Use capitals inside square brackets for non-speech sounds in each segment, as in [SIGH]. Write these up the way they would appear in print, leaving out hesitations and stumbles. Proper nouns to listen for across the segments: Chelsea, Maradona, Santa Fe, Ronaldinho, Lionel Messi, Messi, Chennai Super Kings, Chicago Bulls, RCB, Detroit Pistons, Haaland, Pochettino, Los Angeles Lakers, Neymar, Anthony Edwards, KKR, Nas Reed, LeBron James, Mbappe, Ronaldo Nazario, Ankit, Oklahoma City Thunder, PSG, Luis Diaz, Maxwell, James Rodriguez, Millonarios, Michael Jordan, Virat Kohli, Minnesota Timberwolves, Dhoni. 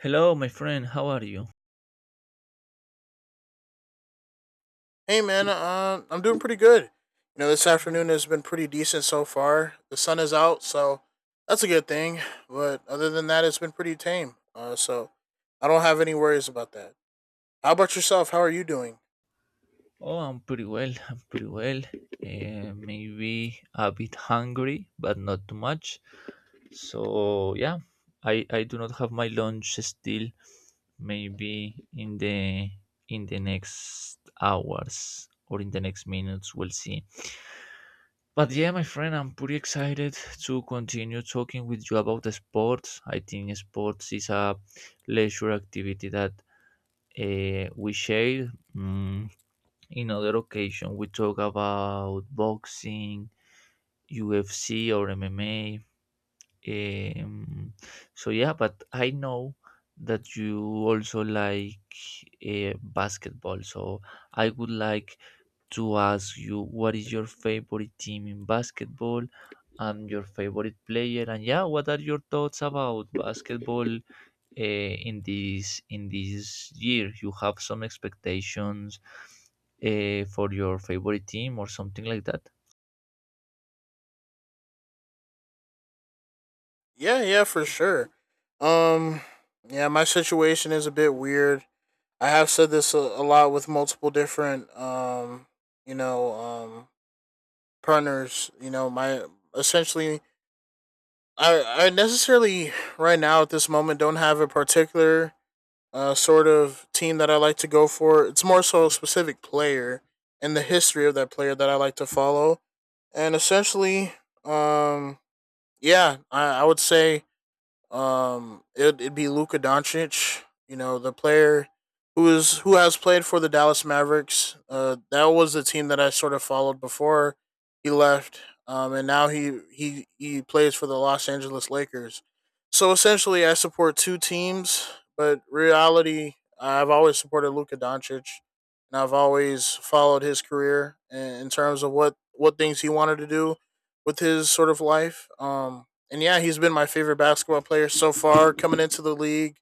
Hello, my friend. How are you? Hey man, I'm doing pretty good. This afternoon has been pretty decent so far. The sun is out, so that's a good thing. But other than that, it's been pretty tame. So I don't have any worries about that. How about yourself? How are you doing? Oh, I'm pretty well. I'm pretty well. Maybe a bit hungry, but not too much. So yeah, I do not have my lunch still. Maybe in the next hours or in the next minutes, we'll see. But yeah, my friend, I'm pretty excited to continue talking with you about the sports. I think sports is a leisure activity that we share. Mm, In other occasion, we talk about boxing, UFC, or MMA. Um, so yeah, but I know that you also like basketball. So I would like to ask you what is your favorite team in basketball and your favorite player, and yeah, what are your thoughts about basketball in this year? You have some expectations for your favorite team or something like that? Yeah, yeah, for sure. Um, yeah, my situation is a bit weird. I have said this a lot with multiple different, you know, um, partners. My essentially I necessarily right now at this moment don't have a particular sort of team that I like to go for. It's more so a specific player and the history of that player that I like to follow. And essentially, um, yeah, I would say it'd be Luka Doncic. The player who has played for the Dallas Mavericks. That was the team that I sort of followed before he left. And now he plays for the Los Angeles Lakers. So essentially, I support two teams, but reality, I've always supported Luka Doncic, and I've always followed his career in terms of what things he wanted to do with his sort of life. And yeah, he's been my favorite basketball player so far coming into the league.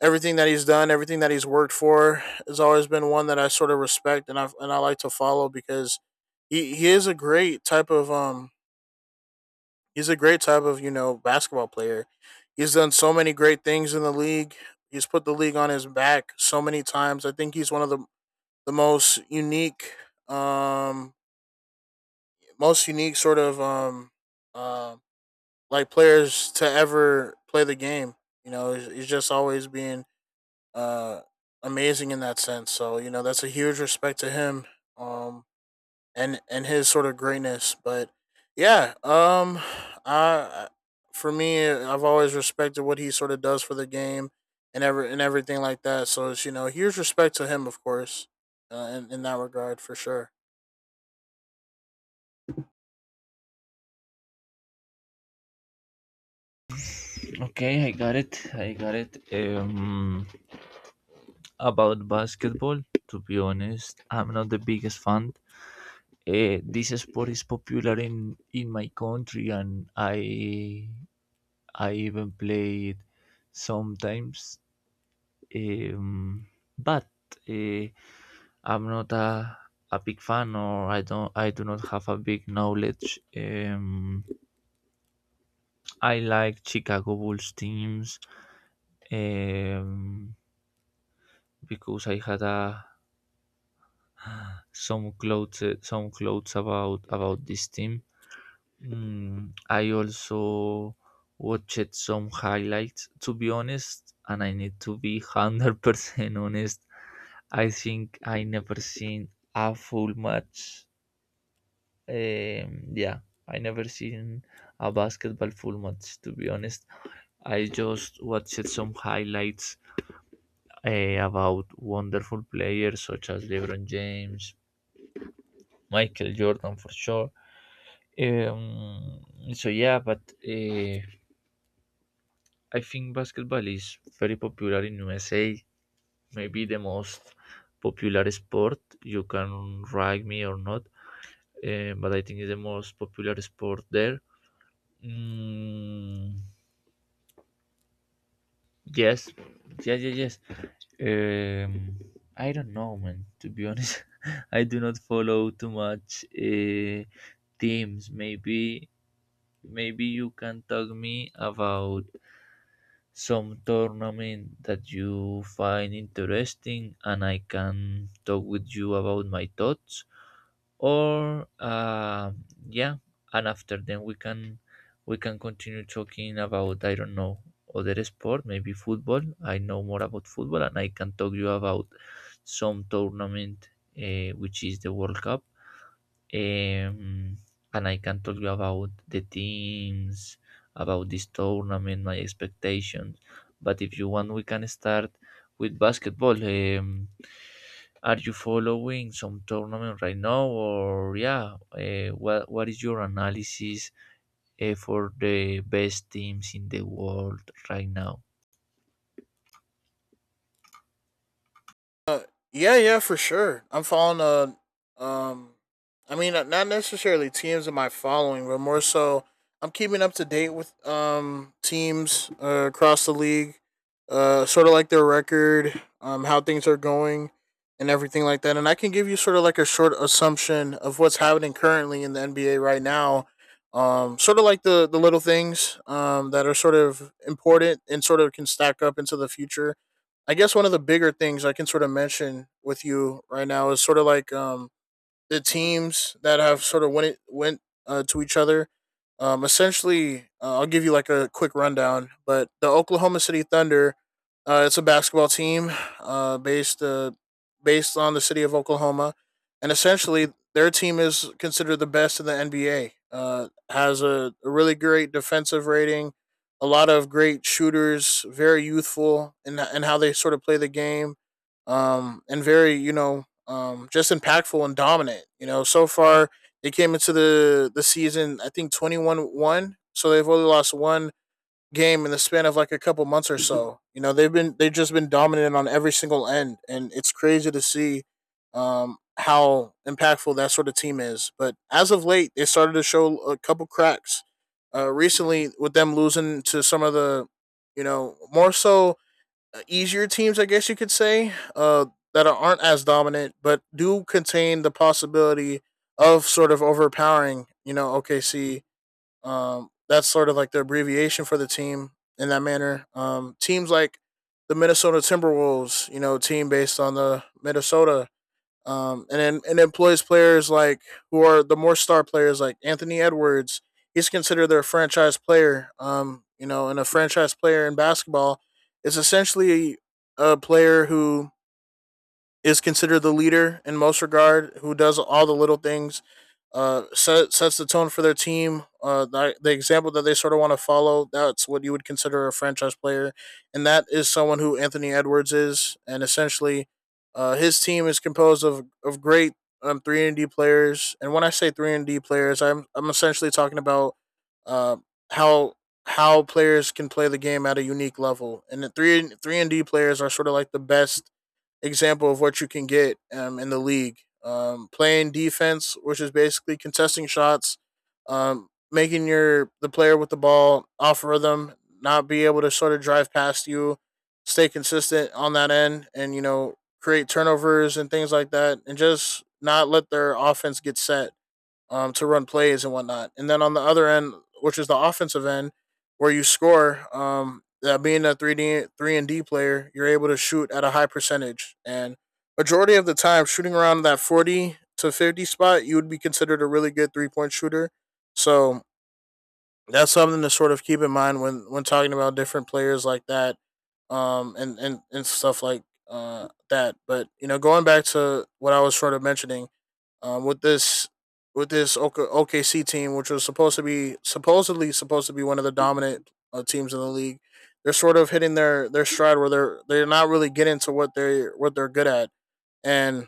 Everything that he's done, everything that he's worked for, has always been one that I sort of respect, and I like to follow because he is a great type of he's a great type of basketball player. He's done so many great things in the league. He's put the league on his back so many times. I think he's one of the um most unique sort of um uh, like players to ever play the game. He's just always being uh, amazing in that sense. So that's a huge respect to him, um, and his sort of greatness. But yeah, I for me, I've always respected what he sort of does for the game and everything like that. So it's, huge respect to him, of course, in that regard for sure. Okay, I got it. About basketball, to be honest, I'm not the biggest fan. This sport is popular in my country and I even play it sometimes. Um, but uh, I'm not a big fan, or I don't. I do not have a big knowledge. I like Chicago Bulls teams um, because I had some clothes about this team. I also watched some highlights. To be honest, and I need to be [LAUGHS] 100% honest, I think I never seen a full match. Yeah, I never seen a basketball full match, to be honest. I just watched some highlights about wonderful players such as LeBron James, Michael Jordan for sure. Um, so yeah, but uh, I think basketball is very popular in USA. Maybe the most popular sport. You can rag me or not, but I think it's the most popular sport there. Mm, Yes, yes, yes, yes. Um, I don't know, man. To be honest, [LAUGHS] I do not follow too much teams. Maybe you can talk me about some tournament that you find interesting and I can talk with you about my thoughts. Or Yeah, and after then we can continue talking about, I don't know, other sport. Maybe football. I know more about football and I can talk you about some tournament, which is the World Cup. um, and I can tell you about the teams, about this tournament, my expectations. But if you want, we can start with basketball. Are you following some tournament right now, or yeah, what is your analysis for the best teams in the world right now? Uh, yeah, yeah, for sure. I'm following I mean, not necessarily teams in my following, but more so I'm keeping up to date with teams, across the league, sort of like their record, how things are going and everything like that. And I can give you sort of like a short assumption of what's happening currently in the NBA right now. Sort of like the little things that are sort of important and sort of can stack up into the future. I guess one of the bigger things I can sort of mention with you right now is sort of like, the teams that have sort of went to each other. Essentially, I'll give you like a quick rundown. But the Oklahoma City Thunder, it's a basketball team, uh, based uh, based on the city of Oklahoma, and essentially their team is considered the best in the NBA. Has a really great defensive rating, a lot of great shooters, very youthful in and how they sort of play the game, and very, just impactful and dominant. So far they came into the season, I think 21-1, so they've only lost one game in the span of like a couple months or so. They've just been dominant on every single end, and it's crazy to see how impactful that sort of team is. But as of late, they started to show a couple cracks. Recently, with them losing to some of the, more so, easier teams, I guess you could say, that aren't as dominant, but do contain the possibility of sort of overpowering, OKC. That's sort of like the abbreviation for the team in that manner. Teams like the Minnesota Timberwolves, team based on the Minnesota, and then employs players like who are the more star players like Anthony Edwards. He's considered their franchise player. And a franchise player in basketball is essentially a player who is considered the leader in most regard, who does all the little things, sets the tone for their team. The example that they sort of want to follow, that's what you would consider a franchise player. And that is someone who Anthony Edwards is. And essentially, his team is composed of great, 3 and D players. And when I say 3 and D players, I'm essentially talking about uh, how how players can play the game at a unique level. And the 3 and D players are sort of like the best example of what you can get in the league. Playing defense, which is basically contesting shots, making your the player with the ball off rhythm, not be able to sort of drive past you, stay consistent on that end, and create turnovers and things like that, and just not let their offense get set, to run plays and whatnot. And then on the other end, which is the offensive end, where you score, that being a three and D player, you're able to shoot at a high percentage. And majority of the time, shooting around that 40 to 50 spot, you would be considered a really good 3-point shooter. So that's something to sort of keep in mind when talking about different players like that, and stuff like that. But going back to what I was sort of mentioning, with this OKC team, which was supposed to be one of the dominant teams in the league. They're sort of hitting their stride, where they're not really getting to what they're good at, and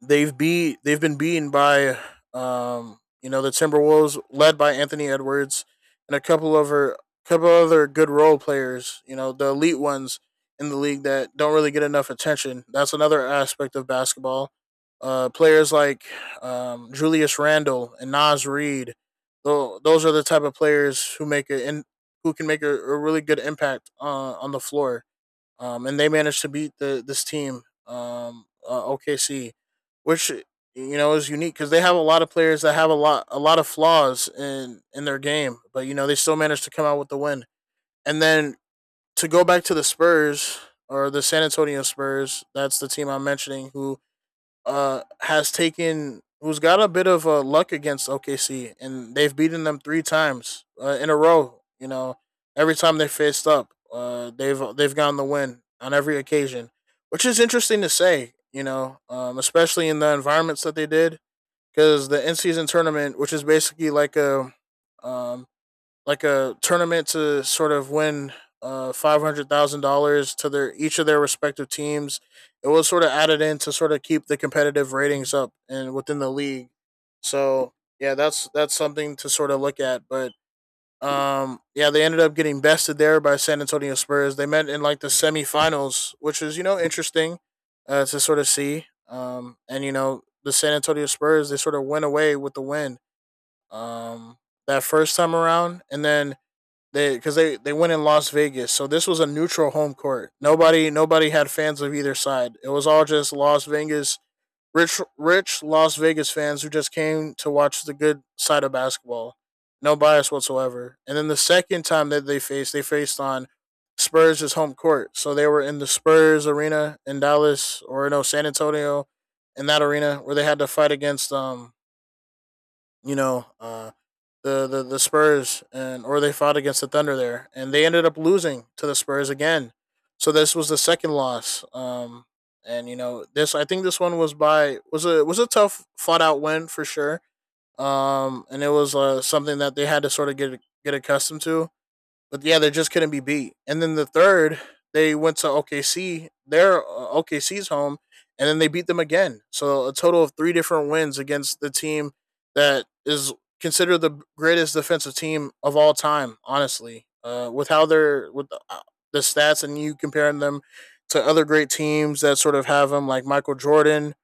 they've been beaten by the Timberwolves, led by Anthony Edwards, and a couple of her couple other good role players, the elite ones in the league that don't really get enough attention. That's another aspect of basketball. Players like, Julius Randle and Nas Reed. Those are the type of players who can make a really good impact on the floor, and they managed to beat the this team, OKC, which is unique because they have a lot of players that have a lot of flaws in their game, but they still managed to come out with the win. And then to go back to the Spurs, or the San Antonio Spurs, that's the team I'm mentioning, who's got a bit of luck against OKC, and they've beaten them three times in a row. Every time they faced up, they've gotten the win on every occasion, which is interesting to say. Especially in the environments that they did, because the in season tournament, which is basically um, like a tournament to sort of win, $500,000 to their each of their respective teams. It was sort of added in to sort of keep the competitive ratings up and within the league. So yeah, that's something to sort of look at. But yeah, they ended up getting bested there by San Antonio Spurs. They met in like the semifinals, which is interesting, to sort of see. And the San Antonio Spurs, they sort of went away with the win, um, that first time around, and then, they because they went in Las Vegas, so this was a neutral home court. Nobody had fans of either side. It was all just Las Vegas, rich Las Vegas fans who just came to watch the good side of basketball. No bias whatsoever. And then the second time that they faced on Spurs' home court. So they were in the Spurs arena in Dallas, or no, San Antonio, in that arena where they had to fight against you know, uh, the Spurs, and or they fought against the Thunder there, and they ended up losing to the Spurs again. So this was the second loss. And this, I think this one was a tough fought out win for sure. And it was something that they had to sort of get accustomed to, but yeah, they just couldn't be beat. And then the third, they went to OKC, their OKC's home, and then they beat them again. So a total of three different wins against the team that is considered the greatest defensive team of all time. Honestly, with how they're with the stats and you comparing them to other great teams that sort of have them, like Michael Jordan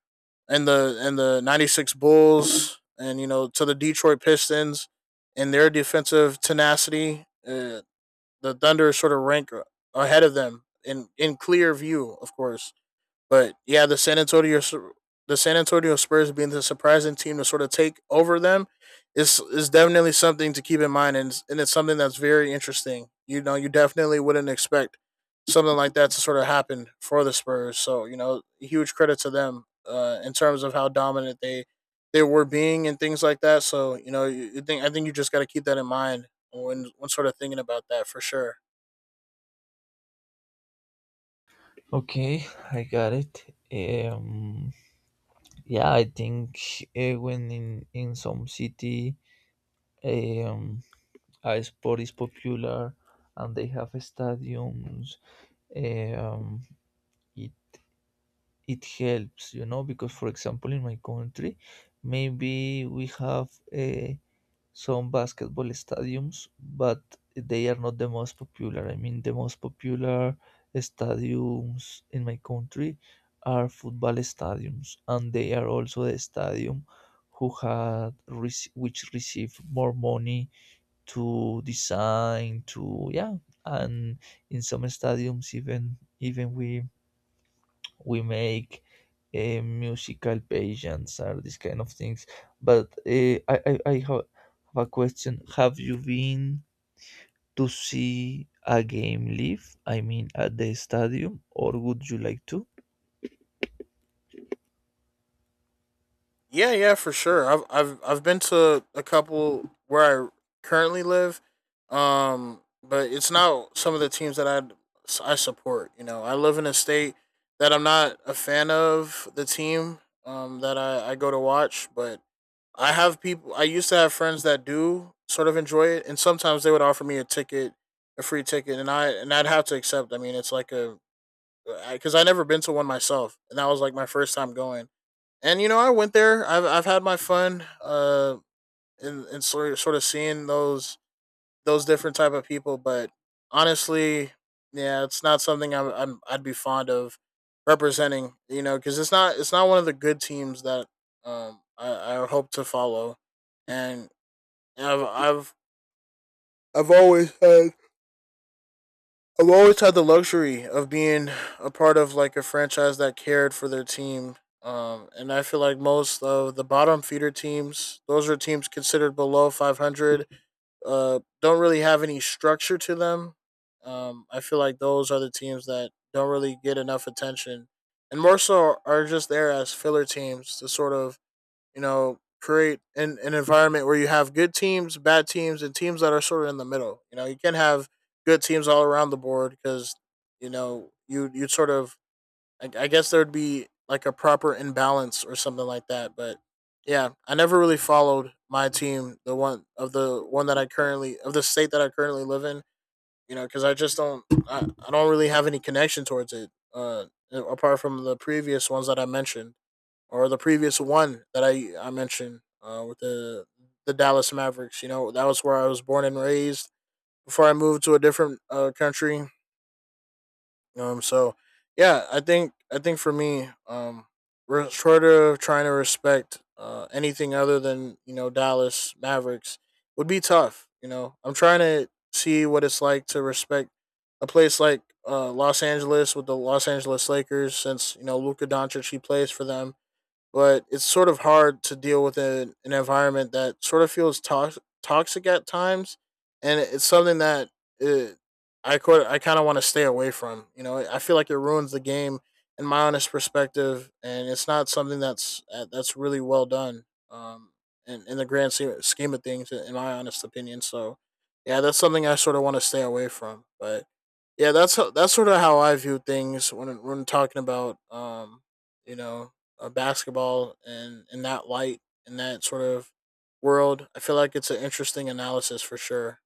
and the '96 Bulls, and you know, to the Detroit Pistons and their defensive tenacity. The Thunder sort of rank ahead of them in clear view, of course. But yeah, the San Antonio Spurs being the surprising team to sort of take over them is definitely something to keep in mind, and it's something that's very interesting. You know, you definitely wouldn't expect something like that to sort of happen for the Spurs. So you know, huge credit to them in terms of how dominant they were being and things like that. So you know, you think, I think you just got to keep that in mind when sort of thinking about that for sure. Okay, I got it. Um, yeah, I think when in some city, um, a sport is popular and they have stadiums, um, it it helps, you know, because for example in my country maybe we have uh, some basketball stadiums, but they are not the most popular. I mean, the most popular stadiums in my country are football stadiums, and they are also the stadium who had which received more money to design, to yeah. And in some stadiums, even we make musical pageants or these kind of things. But I have a question: have you been to see a game live? I mean, at the stadium, or would you like to? Yeah, yeah, for sure. I've been to a couple where I currently live, but it's not some of the teams that I support. You know, I live in a state that I'm not a fan of the team that I go to watch, but I have people. I used to have friends that do sort of enjoy it, and sometimes they would offer me a ticket, a free ticket, and I and I'd have to accept. I mean, it's like a, because I 'cause I never been to one myself, and that was like my first time going, and you know, I went there. I've had my fun in sort of seeing those different type of people. But honestly, yeah, it's not something I'd be fond of representing. You know, because it's not, it's not one of the good teams that I hope to follow, and I've I've I've always had I've always had the luxury of being a part of like a franchise that cared for their team. And I feel like most of the bottom feeder teams, those are teams considered below 500, don't really have any structure to them. I feel like those are the teams that don't really get enough attention, and more so are just there as filler teams to sort of, you know, create an environment where you have good teams, bad teams, and teams that are sort of in the middle. You know, you can not have good teams all around the board because, you know, you sort of, I guess there'd be like a proper imbalance or something like that. But yeah, I never really followed my team, the one that I currently, of the state that I currently live in, you know, because I just don't, I don't really have any connection towards it, apart from the previous ones that I mentioned, or the previous one that I mentioned with the Dallas Mavericks. You know, that was where I was born and raised before I moved to a different country. So yeah, I think for me, we're sort of trying to respect anything other than, you know, Dallas Mavericks would be tough. You know, I'm trying to see what it's like to respect a place like Los Angeles with the Los Angeles Lakers, since you know Luka Doncic he plays for them, but it's sort of hard to deal with an environment that sort of feels tox- toxic at times, and it's something that it I could, I kind of want to stay away from. You know, I feel like it ruins the game, in my honest perspective, and it's not something that's really well done. In the grand se- scheme of things, in my honest opinion. So yeah, that's something I sort of want to stay away from. But yeah, that's ho- that's sort of how I view things when talking about you know, basketball and in that light, in that sort of world. I feel like it's an interesting analysis for sure.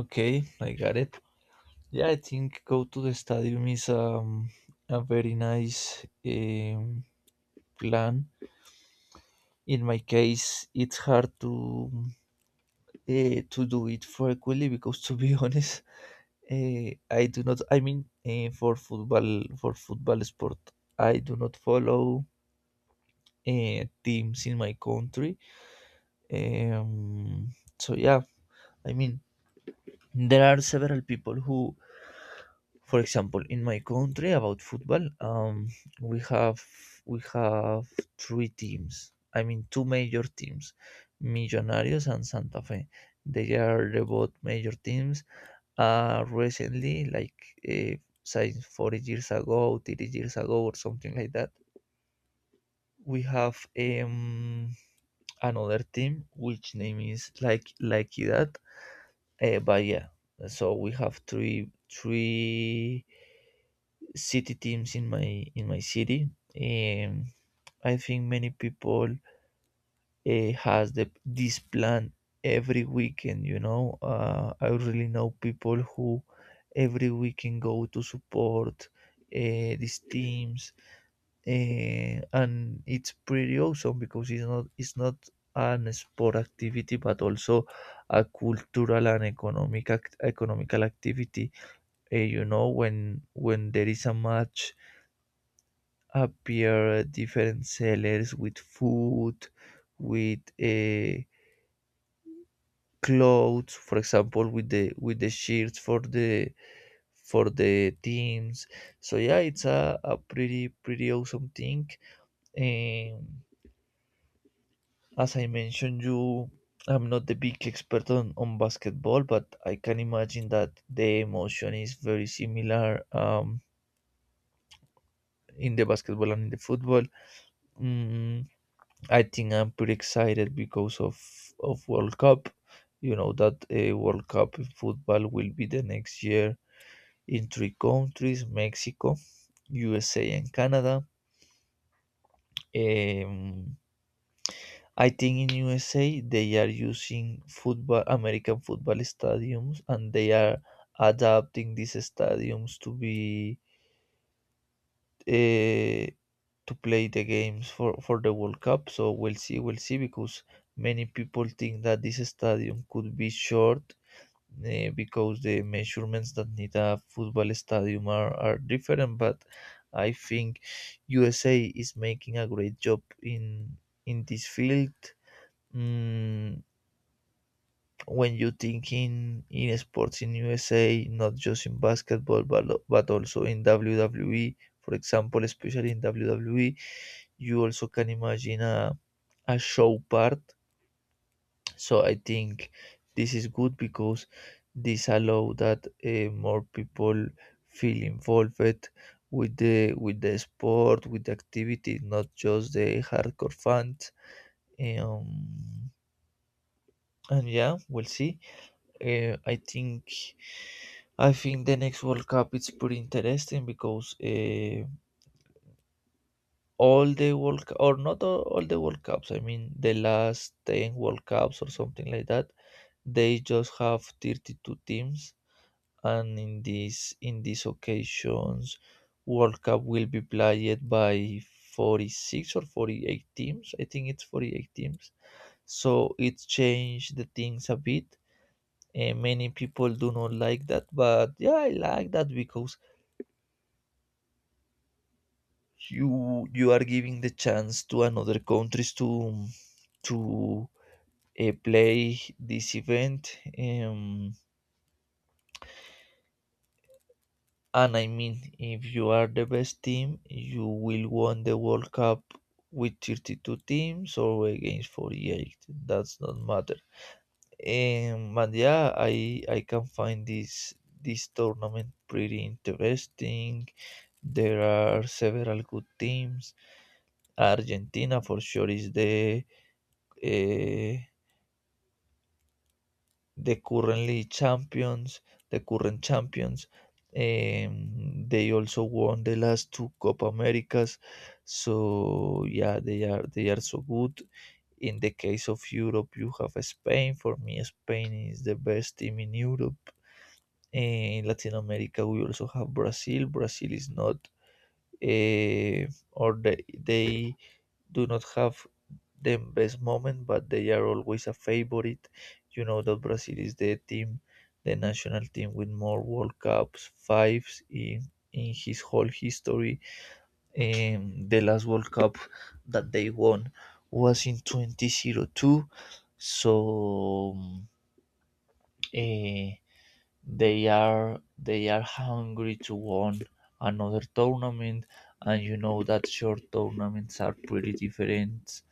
Okay, I got it. Yeah, I think go to the stadium is a very nice plan. In my case, it's hard to do it frequently because, to be [LAUGHS] honest, I do not. I mean, for football sport, I do not follow teams in my country. Um, so yeah, I mean, there are several people who. For example, in my country about football, we have we have three teams. I mean, two major teams, Millonarios and Santa Fe. They are the both major teams. Recently, like since 40 years ago, 30 years ago, or something like that, we have another team which name is like that. But Yeah, so we have three city teams in my city. Um, I think many people has this plan every weekend. You know, I really know people who every weekend go to support these teams, and it's pretty awesome because it's not an sport activity, but also a cultural and economic economical activity. You know, when there is a match, appear different sellers with food, with clothes, for example, with the shirts for the teams. So yeah, it's a pretty awesome thing. And as I mentioned you, I'm not the big expert on basketball, but I can imagine that the emotion is very similar, in the basketball and in the football. Mm, I think I'm pretty excited because of World Cup. You know that World Cup in football will be the next year in three countries: Mexico, USA, and Canada. Um, I think in USA they are using football American football stadiums, and they are adapting these stadiums to be uh, to play the games for the World Cup. So we'll see, because many people think that this stadium could be short, because the measurements that need a football stadium are different. But I think USA is making a great job in this field. Mm, when you think in sports in USA, not just in basketball, but also in WWE, for example, especially in WWE, you also can imagine a show part. So I think this is good because this allow that more people feel involved with the sport, with the activity, not just the hardcore fans. Um, and yeah, we'll see. Uh, I think I think the next World Cup it's pretty interesting because all the World Cu- or not all, all the World Cups. I mean the last 10 World Cups or something like that. They just have 32 teams, and in this in these occasions, World Cup will be played by 46 or 48 teams. I think it's 48 teams. So it changed the things a bit. And many people do not like that, but yeah, I like that because you are giving the chance to another countries to play this event. And I mean, if you are the best team, you will won the World Cup with 32 teams or against 48. That's not matter. And yeah, I can find this tournament pretty interesting. There are several good teams. Argentina for sure is the eh, the currently champions, the current champions. They also won the last two Copa Americas, so yeah, they are so good. In the case of Europe, you have Spain. For me, Spain is the best team in Europe. In Latin America, we also have Brazil. Brazil is not, or they do not have the best moment, but they are always a favorite. You know that Brazil is the team, the national team with more World Cups, fives in his whole history. The last World Cup that they won was in 2002, so eh, they are hungry to win another tournament. And you know that short tournaments are pretty different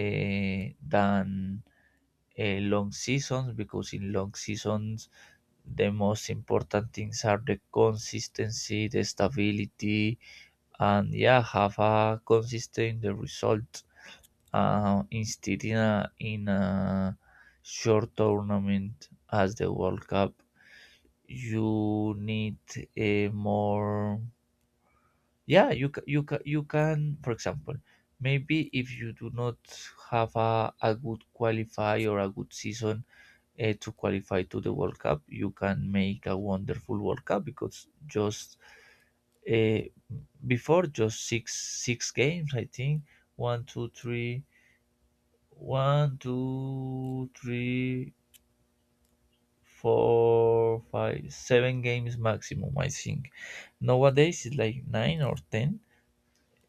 than long seasons, because in long seasons the most important things are the consistency, the stability, and yeah, have a consistent result. Instead in a short tournament as the World Cup, you need a more, yeah. You can, for example, maybe if you do not have a good qualify or a good season to qualify to the World Cup, you can make a wonderful World Cup because just uh, before just six games, I think. One, two, three, one, two, three, four, five, seven games maximum, I think. Nowadays it's like nine or ten.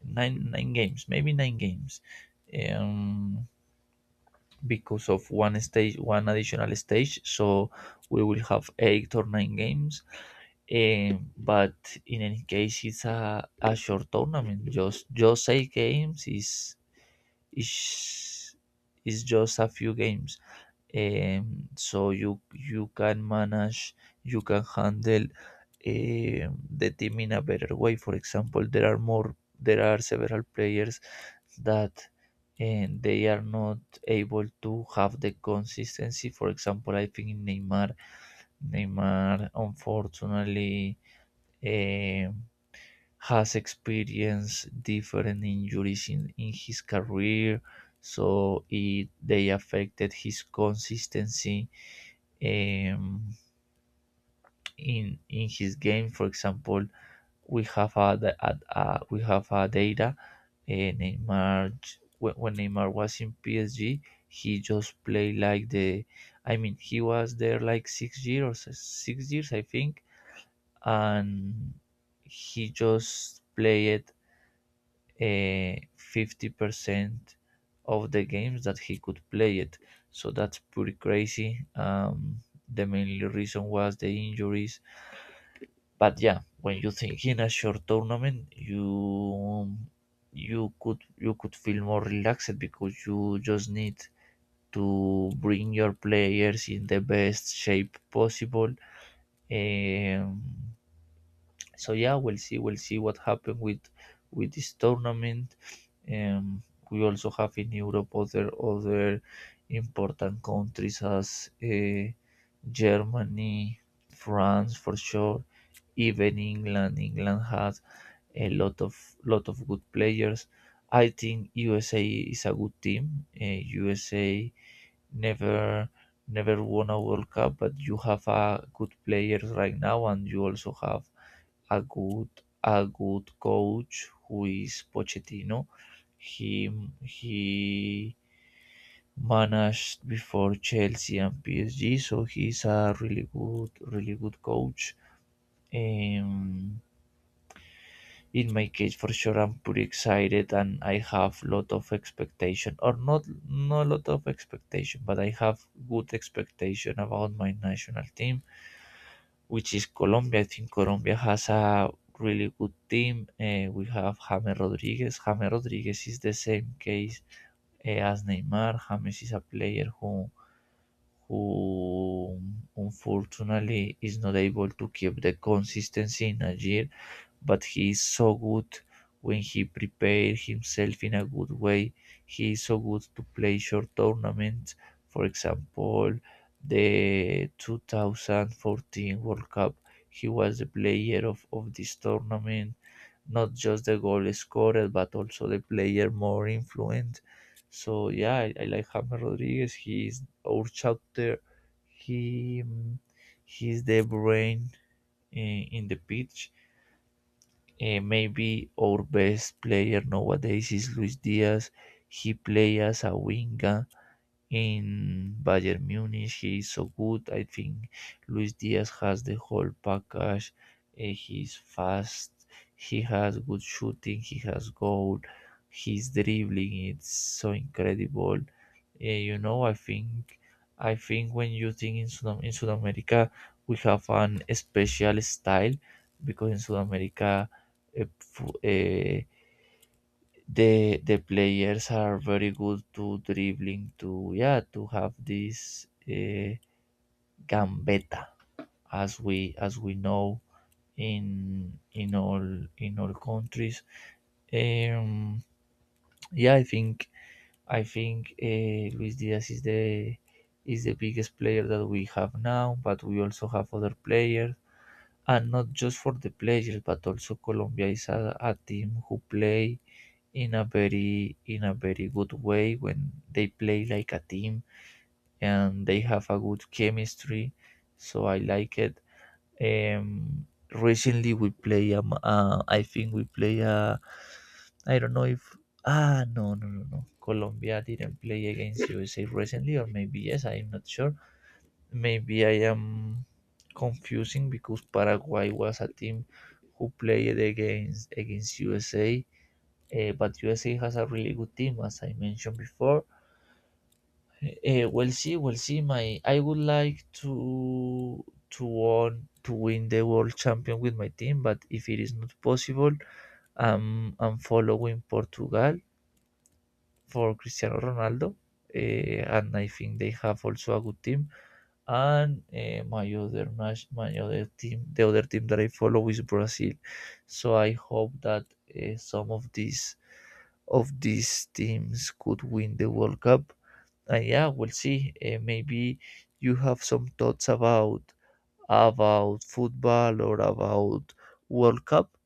Nine games, maybe nine games, um, because of one stage, one additional stage. So we will have 8 or 9 games. But in any case, it's a short tournament. Just eight games is is just a few games, so you can manage, you can handle the team in a better way. For example, there are more, there are several players that, and they are not able to have the consistency. For example, I think in Neymar, unfortunately, um, has experienced different injuries in his career, so it they affected his consistency um, in his game. For example, we have a, a, we have a data. uh, Neymar, when Neymar was in PSG, he just played like the, I mean, he was there like 6 years, 6 years, I think, and he just played 50 percent of the games that he could play it. So that's pretty crazy. The main reason was the injuries. But yeah, when you think in a short tournament, you could, you could feel more relaxed, because you just need to bring your players in the best shape possible. um, so yeah, we'll see, we'll see what happens with this tournament. um, we also have in Europe other important countries as Germany, France for sure, even England. England had a lot of, lot of good players. I think USA is a good team. USA never, never won a World Cup, but you have a good players right now, and you also have a good, a good coach, who is Pochettino. He he managed before Chelsea and PSG, so he's a really good, really good coach. Um, in my case, for sure I'm pretty excited, and I have lot of expectation, or not, not lot of expectation, but I have good expectation about my national team, which is Colombia. I think Colombia has a really good team. Eh, we have James Rodriguez. James Rodriguez is the same case, eh, as Neymar. James is a player who unfortunately is not able to keep the consistency in a year, but he is so good when he prepares himself in a good way. He is so good to play short tournaments. For example, the 2014 World Cup, he was the player of this tournament, not just the goal scorer, but also the player more influent. So yeah, I like James Rodriguez. He is our chapter. He, mm, he's the brain in the pitch. Eh, maybe our best player nowadays is Luis Diaz. He play as a winger in Bayern Munich. He is so good. I think Luis Diaz has the whole package. Eh, he's fast. He has good shooting. He has goal. His dribbling it's so incredible. Eh, you know, I think when you think in South, in South America, we have an special style, because in South America, eh, the players are very good to dribbling, to yeah, to have this gambeta, as we know in all, in all countries. um yeah, I think, I think Luis Diaz is the, is the biggest player that we have now, but we also have other players. And not just for the players, but also Colombia is a team who play in a very, in a very good way when they play like a team, and they have a good chemistry. So I like it. um Recently we play, I think we play, I don't know if, ah, no, Colombia didn't play against USA recently, or maybe yes, I'm not sure. Maybe I am confusing, because Paraguay was a team who played against, against USA. But USA has a really good team, as I mentioned before. We'll see, we'll see. My, I would like to want to win the world champion with my team, but if it is not possible, I'm following Portugal for Cristiano Ronaldo, and I think they have also a good team. And my other my other team, the other team that I follow is Brazil. So I hope that some of these, of these teams could win the World Cup. And yeah, we'll see. Maybe you have some thoughts about football, or about World Cup.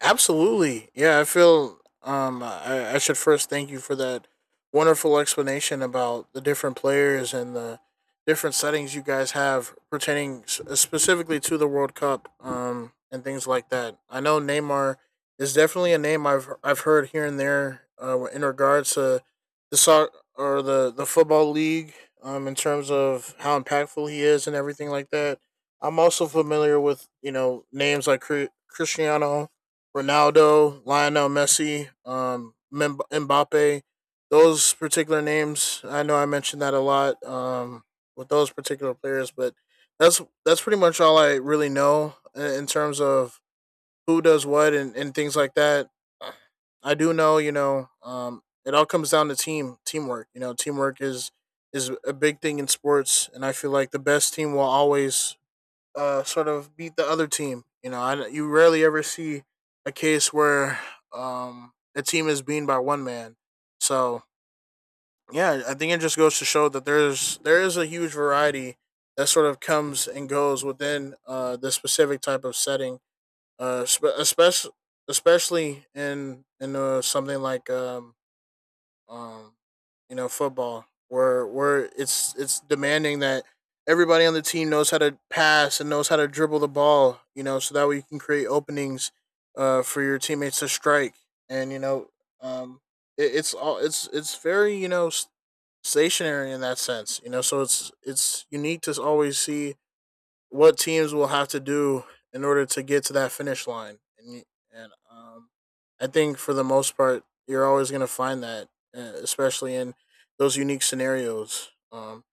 Absolutely. Yeah, I feel I should first thank you for that wonderful explanation about the different players and the different settings you guys have pertaining s- specifically to the World Cup and things like that. I know Neymar is definitely a name I've heard here and there in regards to the soccer or the football league in terms of how impactful he is and everything like that. I'm also familiar with, you know, names like Cri- Cristiano Ronaldo, Lionel Messi, Mem- Mbappe. Those particular names, I know I mentioned that a lot with those particular players, but that's pretty much all I really know in terms of who does what, and things like that. I do know, you know, it all comes down to teamwork. You know, teamwork is a big thing in sports, and I feel like the best team will always sort of beat the other team. You know, you rarely ever see a case where a team is beaten by one man. So yeah, I think it just goes to show that there is a huge variety that sort of comes and goes within the specific type of setting, uh, spe- especially especially in something like um, you know, football, where it's demanding that everybody on the team knows how to pass and knows how to dribble the ball. You know, so that way you can create openings for your teammates to strike. And you know, um, it's all, it's very, you know, s- stationary in that sense. You know, so it's you need to always see what teams will have to do in order to get to that finish line. And I think for the most part, you're always going to find that, especially in those unique scenarios.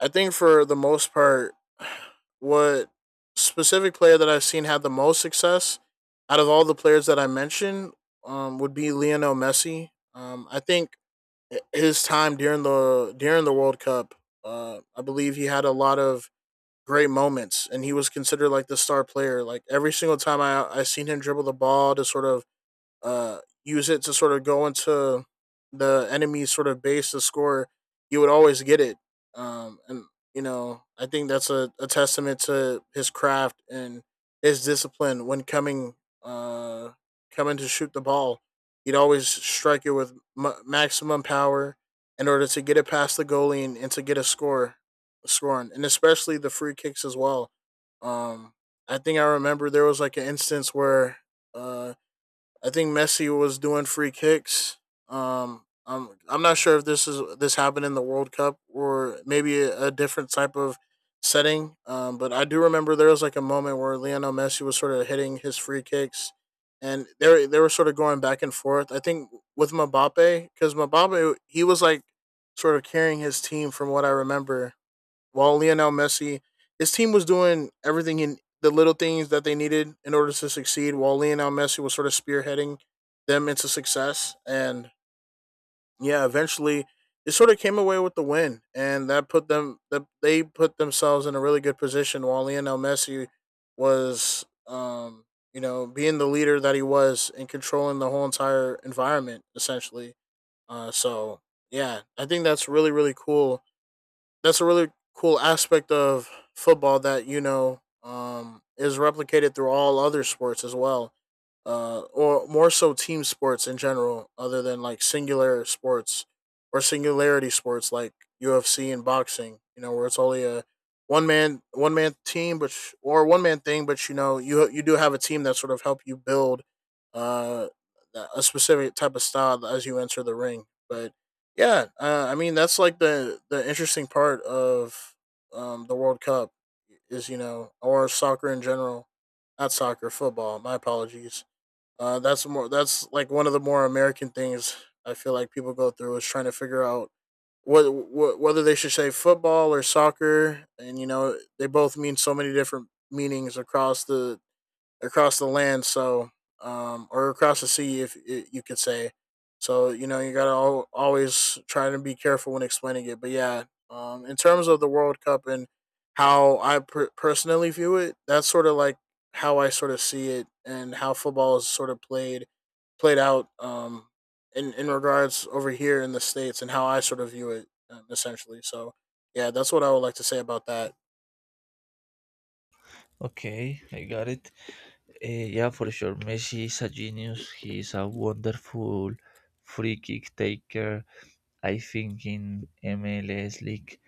I think for the most part, [SIGHS] what specific player that I've seen had the most success out of all the players that I mentioned would be Lionel Messi. I think his time during the World Cup, I believe he had a lot of great moments, and he was considered like the star player. Like every single time I seen him dribble the ball to sort of use it to sort of go into the enemy's sort of base to score, you would always get it. And you know, I think that's a testament to his craft and his discipline when coming uh, coming to shoot the ball. He'd always strike it with m- maximum power in order to get it past the goalie, and to get a score, scoring, and especially the free kicks as well. Um, I think I remember there was like an instance where uh, I think Messi was doing free kicks. I'm not sure if this happened in the World Cup or maybe a different type of setting. But I do remember there was like a moment where Lionel Messi was sort of hitting his free kicks, and they were sort of going back and forth. I think with Mbappe, because Mbappe, he was like sort of carrying his team from what I remember, while Lionel Messi, his team was doing everything in the little things that they needed in order to succeed, while Lionel Messi was sort of spearheading them into success. And yeah, eventually they sort of came away with the win, and that put them that they put themselves in a really good position. While Lionel Messi was, you know, being the leader that he was and controlling the whole entire environment essentially. So yeah, I think that's really cool, that's a really cool aspect of football that you know, is replicated through all other sports as well, or more so team sports in general, other than like singular sports or singularity sports like UFC and boxing. You know, where it's only a one man team, but sh- or one man thing, but you know you do have a team that sort of help you build uh, a specific type of style as you enter the ring. But yeah, I mean, that's like the interesting part of the World Cup, is, you know, or soccer in general, not soccer, football. My apologies. That's more, that's like one of the more American things I feel like people go through, is trying to figure out what, whether they should say football or soccer, and you know, they both mean so many different meanings across the land. So, or across the sea, if you could say. So you know, you gotta al- always try to be careful when explaining it. But yeah, in terms of the World Cup and how I per- personally view it, that's sort of like how I sort of see it and how football is sort of played out, in regards over here in the states, and how I sort of view it, essentially. So yeah, that's what I would like to say about that. Okay, I got it. Yeah, for sure. Messi is a genius. He is a wonderful free kick taker. I think in MLS League,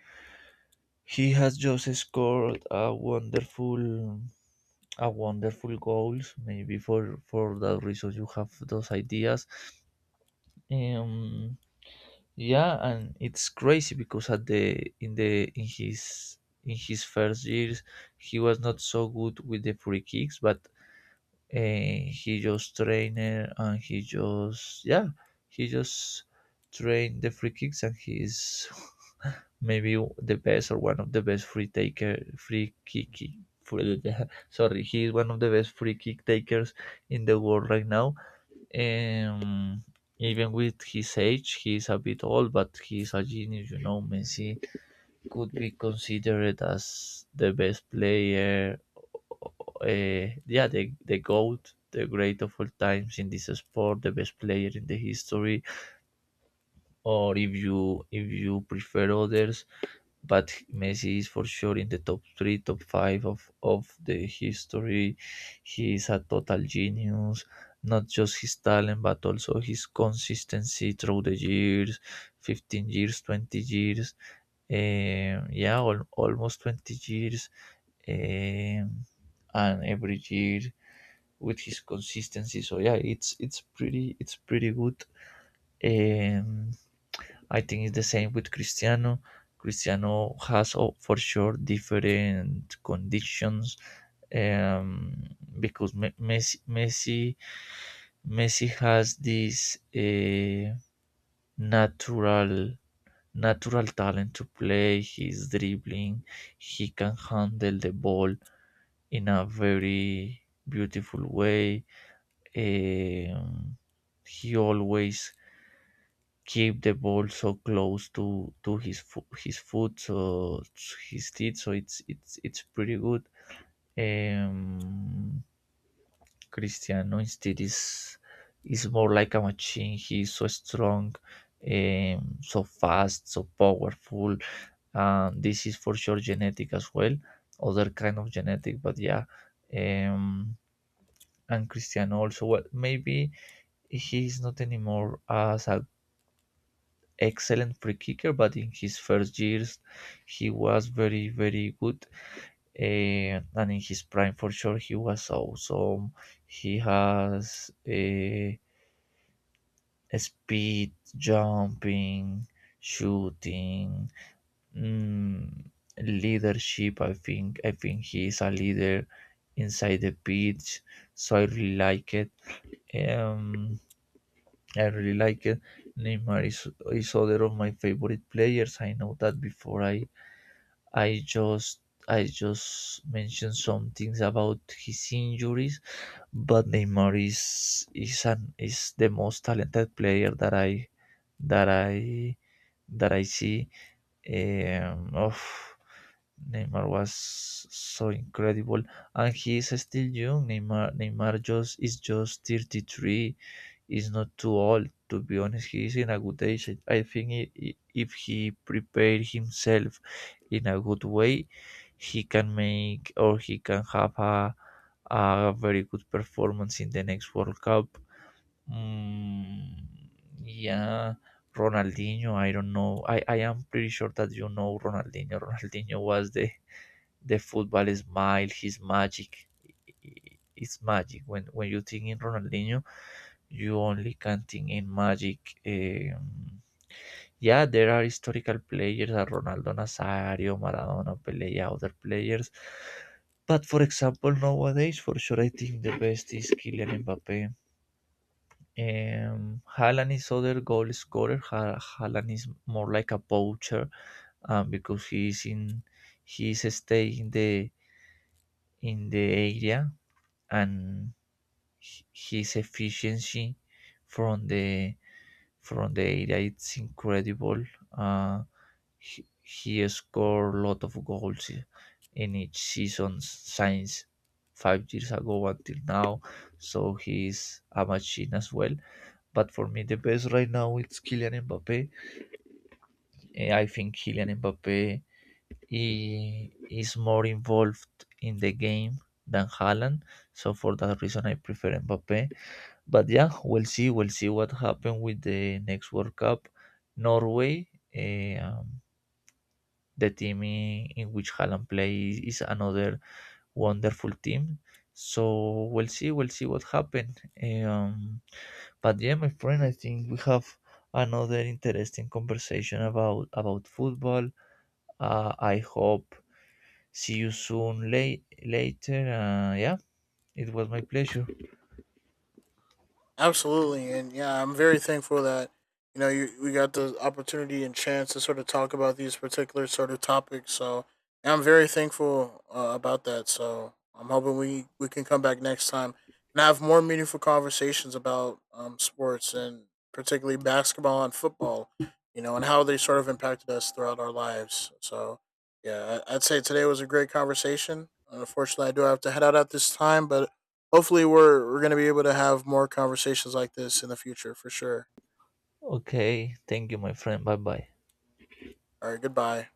he has just scored a wonderful goals. Maybe for that reason, you have those ideas. Um, yeah, and it's crazy because at the, in the, in his, in his first years he was not so good with the free kicks, but he just trained, and he just, yeah, he just trained the free kicks, and he's [LAUGHS] maybe the best, or one of the best free taker free kick [LAUGHS] sorry, he's one of the best free kick takers in the world right now. um, Even with his age, he is a bit old, but he is a genius. You know, Messi could be considered as the best player. Yeah, the goat, the great of all times in this sport, the best player in the history. Or if you, if you prefer others, but Messi is for sure in the top three, top five of the history. He is a total genius, not just his talent, but also his consistency through the years, 15 years, 20 years, yeah, almost 20 years. Um, and every year with his consistency. So yeah, it's pretty, it's pretty good. Um, I think it's the same with Cristiano. Cristiano has, oh, for sure different conditions, um, because Messi has this natural, natural talent to play. He's dribbling. He can handle the ball in a very beautiful way. Um, he always keep the ball so close to his his foot, so, so his teeth, so it's pretty good. um Cristiano instead is more like a machine. He's so strong, so fast, so powerful. And this is for sure genetic as well, other kind of genetic, but yeah. um and Cristiano also, well, maybe he's not anymore as a excellent free kicker, but in his first years he was very, very good. Eh, and in his prime, for sure, he was awesome. He has a speed, jumping, shooting, mm, leadership. I think, I think he is a leader inside the pitch, so I really like it. Um, I really like it. Neymar is other of my favorite players. I know that before I just, I just mentioned some things about his injuries, but Neymar is an, is the most talented player that I, that I, that I see. Of, Neymar was so incredible, and he is still young. Neymar just is just 33, is not too old. To be honest, he is in a good age. I think, if he prepare himself in a good way, he can make, or he can have a very good performance in the next World Cup. Mm, yeah, Ronaldinho. I don't know. I am pretty sure that you know Ronaldinho. [LAUGHS] Ronaldinho was the football smile, his magic. i- It's magic. When you think in Ronaldinho, you only can think in Magic. Um, yeah, there are historical players, are Ronaldo Nazario, Maradona, Pele, yeah, other players. But for example, nowadays, for sure, I think the best is Kylian Mbappe. Haaland is other goal scorer. Haaland is more like a poacher, because he's in, he's staying in the, in the area, and his efficiency from the, from the area, it's incredible. Uh, he scored a lot of goals in each season since 5 years ago until now. So he's a machine as well. But for me, the best right now it's Kylian Mbappe. Eh, I think Kylian Mbappe, he is more involved in the game than Haaland. So for that reason, I prefer Mbappe. But yeah, we'll see. We'll see what happens with the next World Cup. Norway, the team in which Haaland plays, is another wonderful team. So we'll see. We'll see what happens. Um, but yeah, my friend, I think we have another interesting conversation about football. I hope see you soon, late later. Yeah, it was my pleasure. Absolutely, and yeah, I'm very thankful that you know, we got the opportunity and chance to sort of talk about these particular sort of topics. So yeah, I'm very thankful about that. So I'm hoping we can come back next time and have more meaningful conversations about sports, and particularly basketball and football. You know, and how they sort of impacted us throughout our lives. So yeah, I'd say today was a great conversation. Unfortunately, I do have to head out at this time, but hopefully we're gonna be able to have more conversations like this in the future for sure. Okay, thank you, my friend. Bye bye. All right, goodbye.